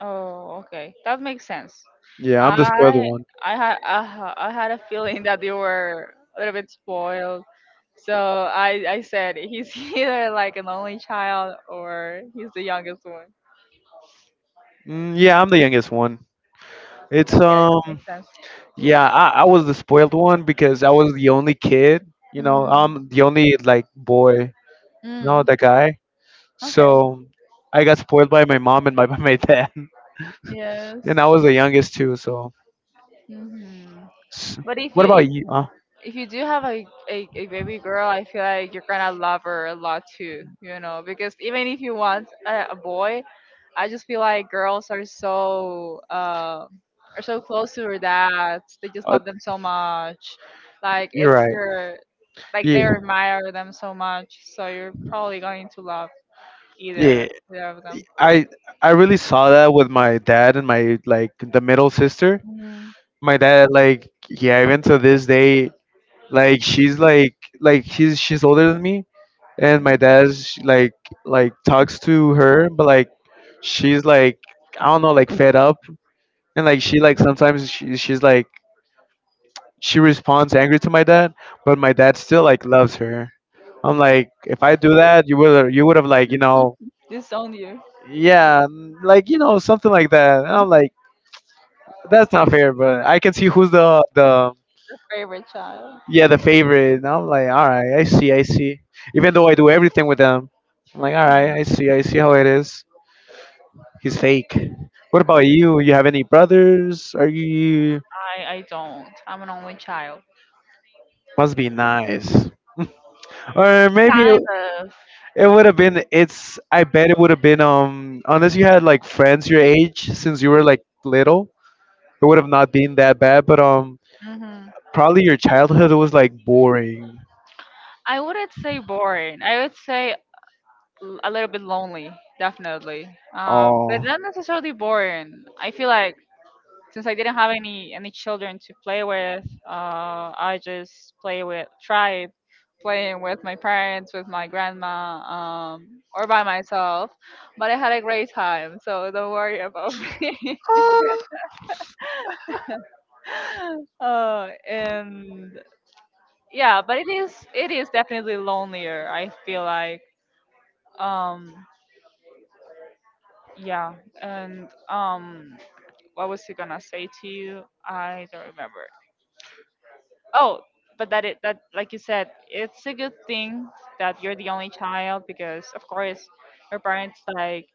Oh, okay, that makes sense. Yeah, I'm the spoiled I one. I had a feeling that you were a little bit spoiled, so I said he's either like an only child or he's the youngest one. Mm, yeah, I'm the youngest one. It's Okay, makes sense. yeah, I was the spoiled one because I was the only kid, you know, Mm, I'm the only like boy, no, know, mm, the guy. okay, So I got spoiled by my mom and my by my dad. yes. And I was the youngest too, so Hmm. S- But if what you, about you? If you do have a baby girl, I feel like you're gonna love her a lot too, you know, because even if you want a boy, I just feel like girls are so are so close to their dads. They just uh, love them so much. Like, you're it's right. their like, they Yeah. admire them so much. So you're probably going to love Yeah. either of them. I I really saw that with my dad and my like the middle sister. Mhm. My dad, like, yeah, even to this day like she's like like she's older than me, and my dad like talks to her, but like she's like, I don't know, like fed up. And like she like Mhm. sometimes she's like she responds angry to my dad, but my dad still like loves her. I'm like, if I do that, you would have like Disown you, yeah. Like, something like that, and I'm like, that's not fair. But I can see who's the your favorite child. yeah, the favorite. And I'm like, all right, I see, I see. Even though I do everything with them, I'm like, all right, I see, I see how it is. He's fake. What about you? You have any brothers? Are you I don't. I'm an only child. must be nice. Or maybe Kind of. it would have been, it's, I bet it would have been, unless you had like friends your age since you were like little, it would have not been that bad, but Hmm. probably your childhood was like boring. I wouldn't say boring. I would say a little bit lonely, definitely. But Oh. not necessarily boring. I feel like since I didn't have any children to play with, I just play with tried playing with my parents, with my grandma, or by myself. But I had a great time, so don't worry about me. And yeah, but it is definitely lonelier, I feel like. um yeah. and What was he gonna say to you? I don't remember. Oh, but that it, that like you said, it's a good thing that you're the only child, because of course your parents like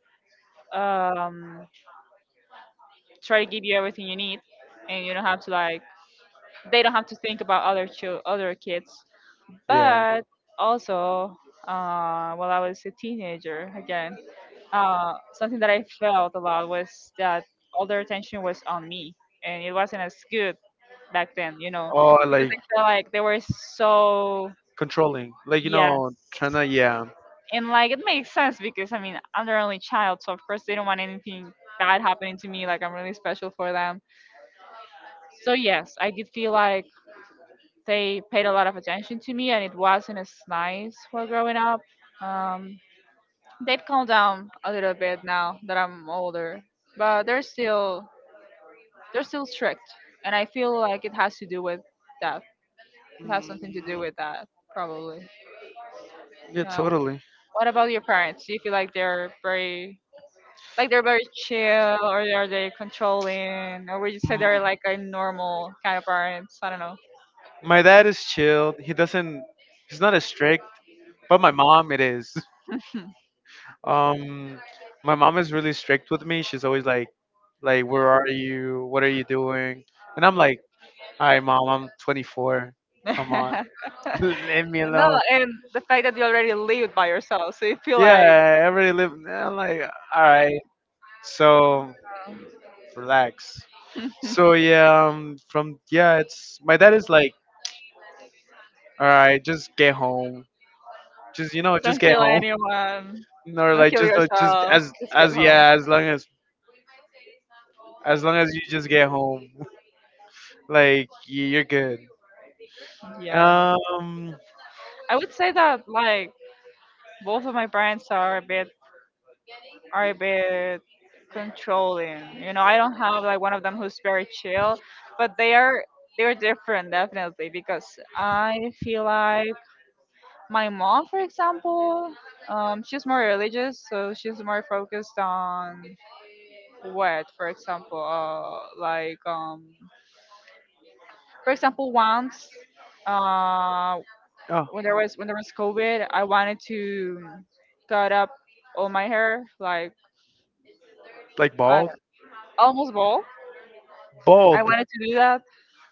um try to give you everything you need, and you don't have to like, they don't have to think about other other kids. Yeah. But also, while I was a teenager, again, something that I felt a lot was that all their attention was on me, and it wasn't as good back then, you know, Or because like I felt like they were so controlling, like, you yeah, know, trying to, yeah, and like it makes sense because I mean I'm their only child, so of course they don't want anything bad happening to me. Like, I'm really special for them. So yes, I did feel like they paid a lot of attention to me, and it wasn't as nice while growing up. Um, They've calmed down a little bit now that I'm older, but they're still strict, and I feel like it has to do with that. It has something to do with that, probably. yeah, Uh, totally. what about your parents? Do you feel like they're very chill, or are they controlling, or would you say Mm. they're like a normal kind of parents? I don't know. My dad is chilled. He doesn't. He's not as strict, but my mom it is. Um, my mom is really strict with me. She's always like, where are you? What are you doing? And I'm like, all right, mom, I'm 24. Come on. No, Leave me alone. and the fact that you already live by yourself, so you feel Yeah, like I already live. I'm like, all right. So relax. So yeah, from yeah, it's, my dad is like, all right, just get home. Just, you know, just don't get kill home. anyone. Or Don't like kill just yourself. as Just get as home. yeah, as long as long as you just get home, like you're good. Yeah. Um, I would say that like both of my brands are a bit controlling. You know, I don't have like one of them who's very chill, but they are, they're different definitely because I feel like my mom, for example, she's more religious, so she's more focused on what, for example, for example, once uh, Oh, when there was, when there was COVID, I wanted to cut up all my hair, like like I bald? almost bald. I Bald. wanted to do that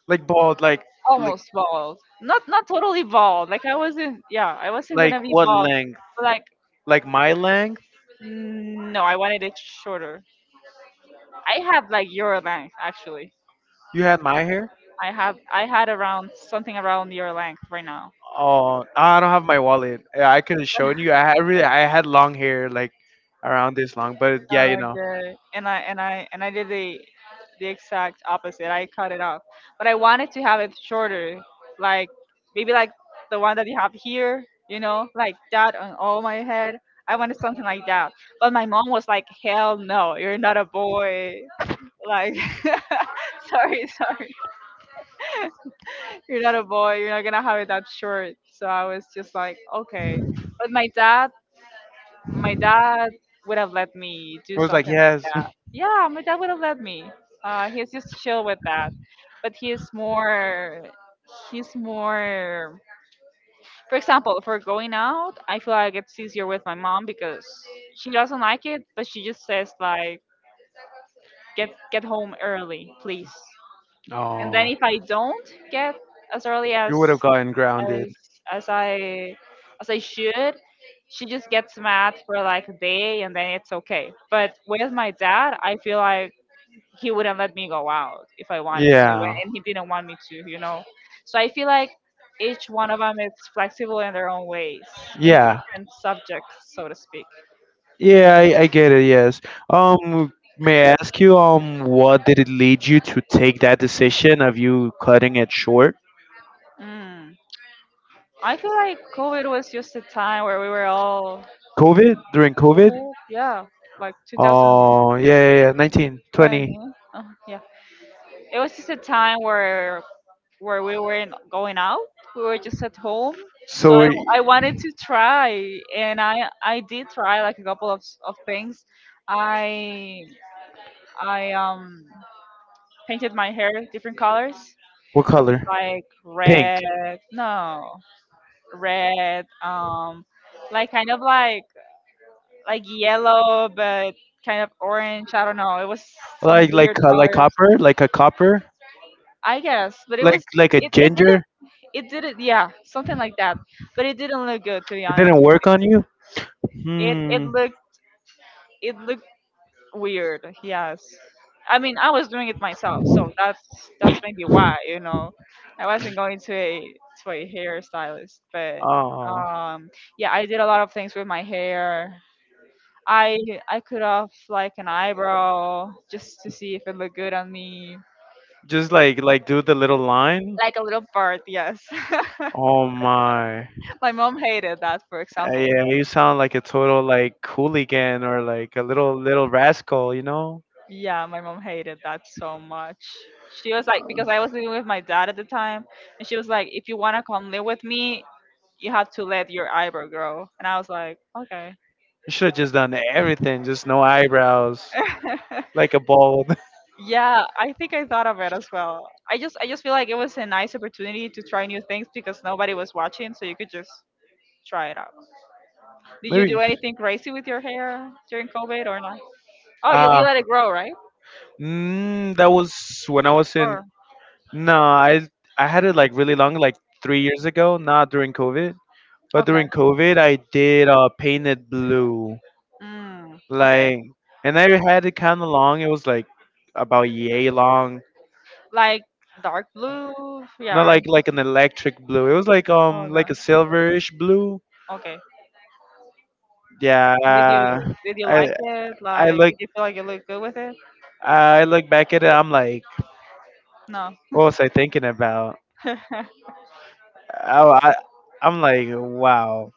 Like bald. Like almost bald, not not totally bald. Like, I wasn't, yeah, I wasn't like gonna be what bald. length? But like Like my length? no, I wanted it shorter. I had like your length actually. You had my hair? I had around something around your length right now. Oh, I don't have my wallet. Yeah, I could have shown you. I had really, I had long hair like around this long, but yeah, you Oh, know. good. And I did the exact opposite. I cut it off, but I wanted to have it shorter, like maybe like the one that you have here, you know, like that on all my head. I wanted something like that, but my mom was like, "Hell no, you're not a boy." Like, sorry, sorry, you're not a boy. You're not gonna have it that short. So I was just like, okay. But my dad would have let me do It was like something like yes. that. Yeah, my dad would have let me. He's just chill with that, but he's more. He's more. For example, for going out, I feel like it's easier with my mom because she doesn't like it, but she just says like, get home early, please." And Oh, then if I don't get as early you as would have gotten grounded. as as I as I should. She just gets mad for like a day and then it's okay. But with my dad, I feel like he wouldn't let me go out if I wanted yeah, to, Yeah. and he didn't want me to, you know. So I feel like each one of them is flexible in their own ways, in yeah, Yeah. different subjects, so to speak. Yeah, I get it, yes. May I ask you, what did it lead you to take that decision of you cutting it short? Mm. I feel like COVID was just a time where we were all COVID? During COVID? COVID, yeah, like Oh, yeah, 2020. yeah, yeah. 1920. Oh, yeah, it was just a time where we weren't going out. We were just at home. So So, I wanted to try, and I did try like a couple of things. I I painted my hair different colors, what color? like Pink. red, no, red, like kind of like yellow, but kind of orange. I don't know. It was some weird Like colors, copper, I guess. But it was like a It it ginger. didn't it didn't yeah something like that, but it didn't look good to be It honest. didn't work on you. It it Hmm. looked it looked weird. Yes, I mean I was doing it myself, so that's maybe why, you know, I wasn't going to a hairstylist, but Oh, um yeah, I did a lot of things with my hair. I I cut off like an eyebrow just to see if it looked good on me, just like do the little line. like a little part. Yes, Oh my. my mom hated that, for example. Yeah, you sound like a total like hooligan or like a little little rascal. You know, Yeah, my mom hated that so much. She was like, because I was living with my dad at the time, and she was like, if you wanna come live with me, you have to let your eyebrow grow. And I was like, okay. you should have just done everything. Just no eyebrows, like a bald. Yeah, I think I thought of it as well. I just feel like it was a nice opportunity to try new things because nobody was watching, so you could just try it out. Did you Maybe. do anything crazy with your hair during COVID or not? Oh, you Ah. let it grow, right? Mm, that was when I was in. Or No, I had it like really long, like 3 years ago. Not during COVID, but okay, during COVID, I did painted blue, mm, okay, like, and I had it kind of long. It was like about yay long, like dark blue, yeah, not right. like like an electric blue. It was Oh no. like a silverish blue. Okay. And did you Yeah, did you I like it? I Like, look did you feel like you looked good with it? I look back at it. I'm like, No. what was I thinking about? I I'm like, wow,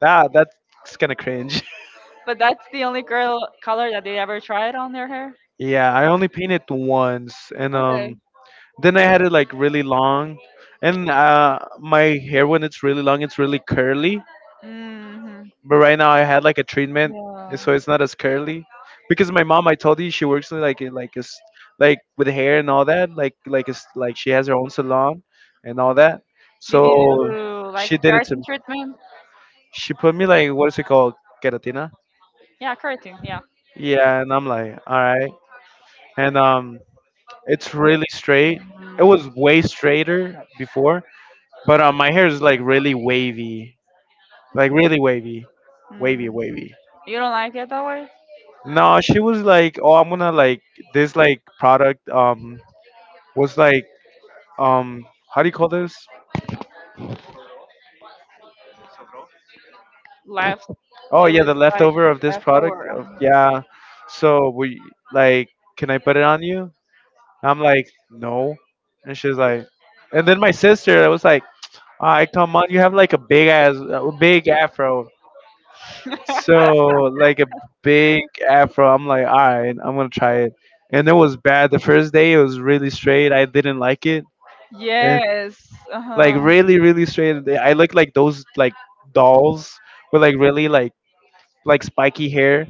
that that's kind of cringe. But that's the only girl color that they ever tried on their hair. Yeah, I only painted once, and Okay. Then I had it like really long, and my hair when it's really long, it's really curly. Hmm. But right now I had like a treatment, Yeah. so it's not as curly, because my mom, I told you, she works in like like is like with hair and all that, like is like she has her own salon and all that. Did you So do like she a did it to keratin me. treatment? She put me like, what is it called, keratina? Yeah, keratin. Yeah. Yeah, and I'm like, all right, and. It's really straight. It Mm, was way straighter before, but my hair is like really wavy, wavy, mm. wavy. You don't like it that way? No, she was like, oh, I'm gonna like this like product was like um, how do you call this? Left. Oh It yeah, the was like leftover of this product. leftover. Oh, yeah, so we like, can I put it on you? I'm like, no, and she's like, and then my sister, I was like, all right, come on, you have like a big ass, a big afro. So like a big afro. I'm like, all right, I'm gonna try it. And it was bad. The first day it was really straight. I didn't like it. And Yes. Uh like huh. really, really straight. I look like those like dolls with like really like spiky hair.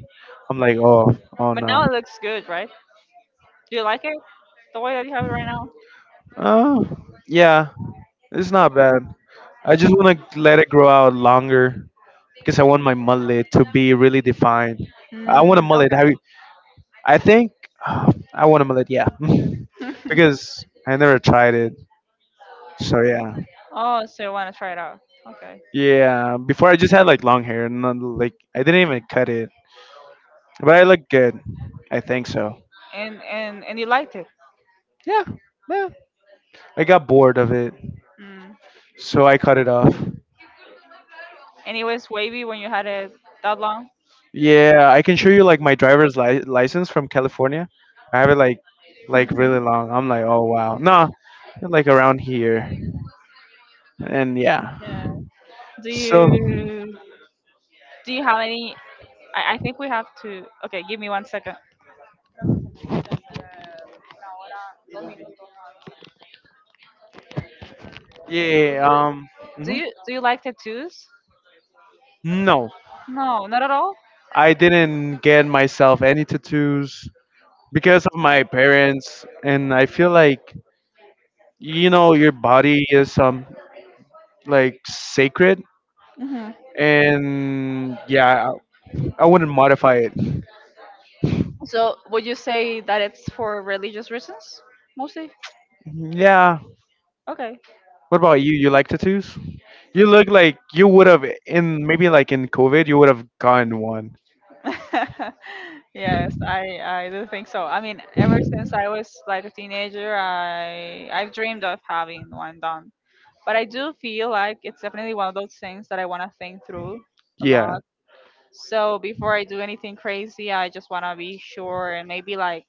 I'm like, oh, oh But now no. it looks good, right? Do you like it the way that you have it right now? Oh, yeah, it's not bad. I just want to let it grow out longer because I want my mullet to be really defined. I Mm, want a mullet. okay. Have you? I think I want a mullet, yeah, because I never tried it. So yeah, Oh, so you want to try it out? Okay. yeah. Before I just had like long hair, and not, like I didn't even cut it, but I look good. I think so. And you liked it. Yeah, yeah. I got bored of it, Mm. so I cut it off. And it was wavy when you had it that long. Yeah, I can show you like my driver's license from California. I have it like really long. I'm like, oh wow, nah, like around here, and yeah. Yeah. Do So you do you have any? I think we have to. Okay, give me 1 second. yeah, Do mhm. you do you like tattoos? No, No, not at all. I didn't get myself any tattoos because of my parents, and I feel like you know your body is like sacred, Hmm. and yeah, I wouldn't modify it. So would you say that it's for religious reasons mostly? Yeah. Okay. What about you? You like tattoos? You look like you would have in maybe like in COVID, you would have gotten one. Yes, I do think so. I mean, ever since I was like a teenager, I've dreamed of having one done. But I do feel like it's definitely one of those things that I want to think through a Yeah. lot. So before I do anything crazy, I just want to be sure and maybe like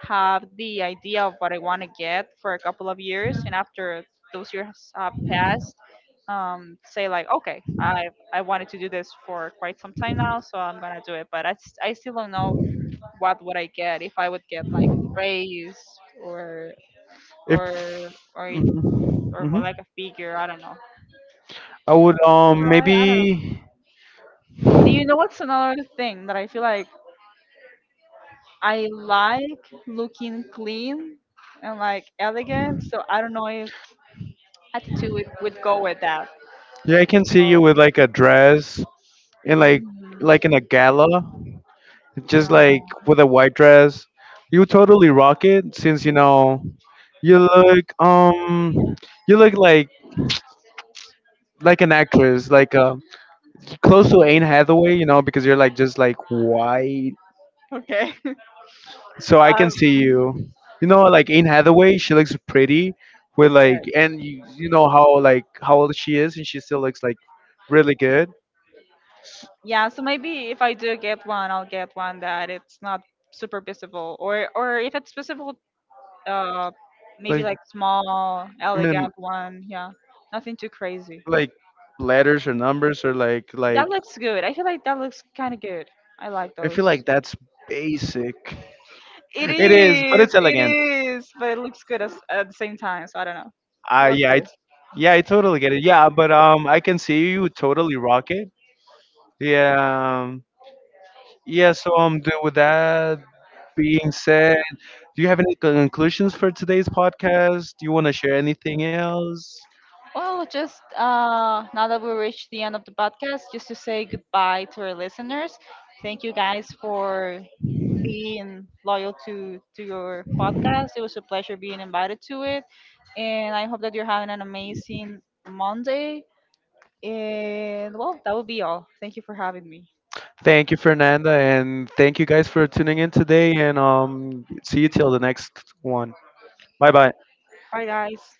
have the idea of what I want to get for a couple of years, and after those years have passed, say like, okay, I wanted to do this for quite some time now, so I'm gonna do it. But I still don't know what would I get if I would get like a raise or If. or or or Hmm. more like a figure. I don't know. I would So I don't know. maybe And you know what's another thing that I feel like I like looking clean and like elegant. So I don't know if attitude would go with that. yeah, I can see you So, with like a dress and mhm. like in a gala, just Yeah. like with a white dress. You totally rock it since, you know, you look um you look like an actress like close to Anne Hathaway, you know, because you're like just like white. Okay. So I can see Um, you, you know, like Anne Hathaway, she looks pretty with yes. like, and you know how like how old she is, and she still looks like really good, Yeah. So maybe if I do get one, I'll get one that it's not super visible, or if it's visible, uh, maybe like, like small, I mean, elegant one. Yeah. Nothing too crazy. like letters or numbers or like That looks good. I feel like that looks kind of good. I like I those. feel like that's basic. It It is, but is. it's It elegant. is. But it looks good as, at the same time. So I don't know. I What's yeah, I, this? yeah, I totally get it. Yeah, but I can see you totally rock it. Yeah, yeah. So with that being said, do you have any conclusions for today's podcast? Do you want to share anything else? Well, just now that we reached the end of the podcast, just to say goodbye to our listeners. Thank you guys for being loyal to your podcast. It was a pleasure being invited to it, and I hope that you're having an amazing Monday. And well, that will be all. Thank you for having me. Thank you, Fernanda, and thank you guys for tuning in today. And see you till the next one. Bye bye. Bye, guys.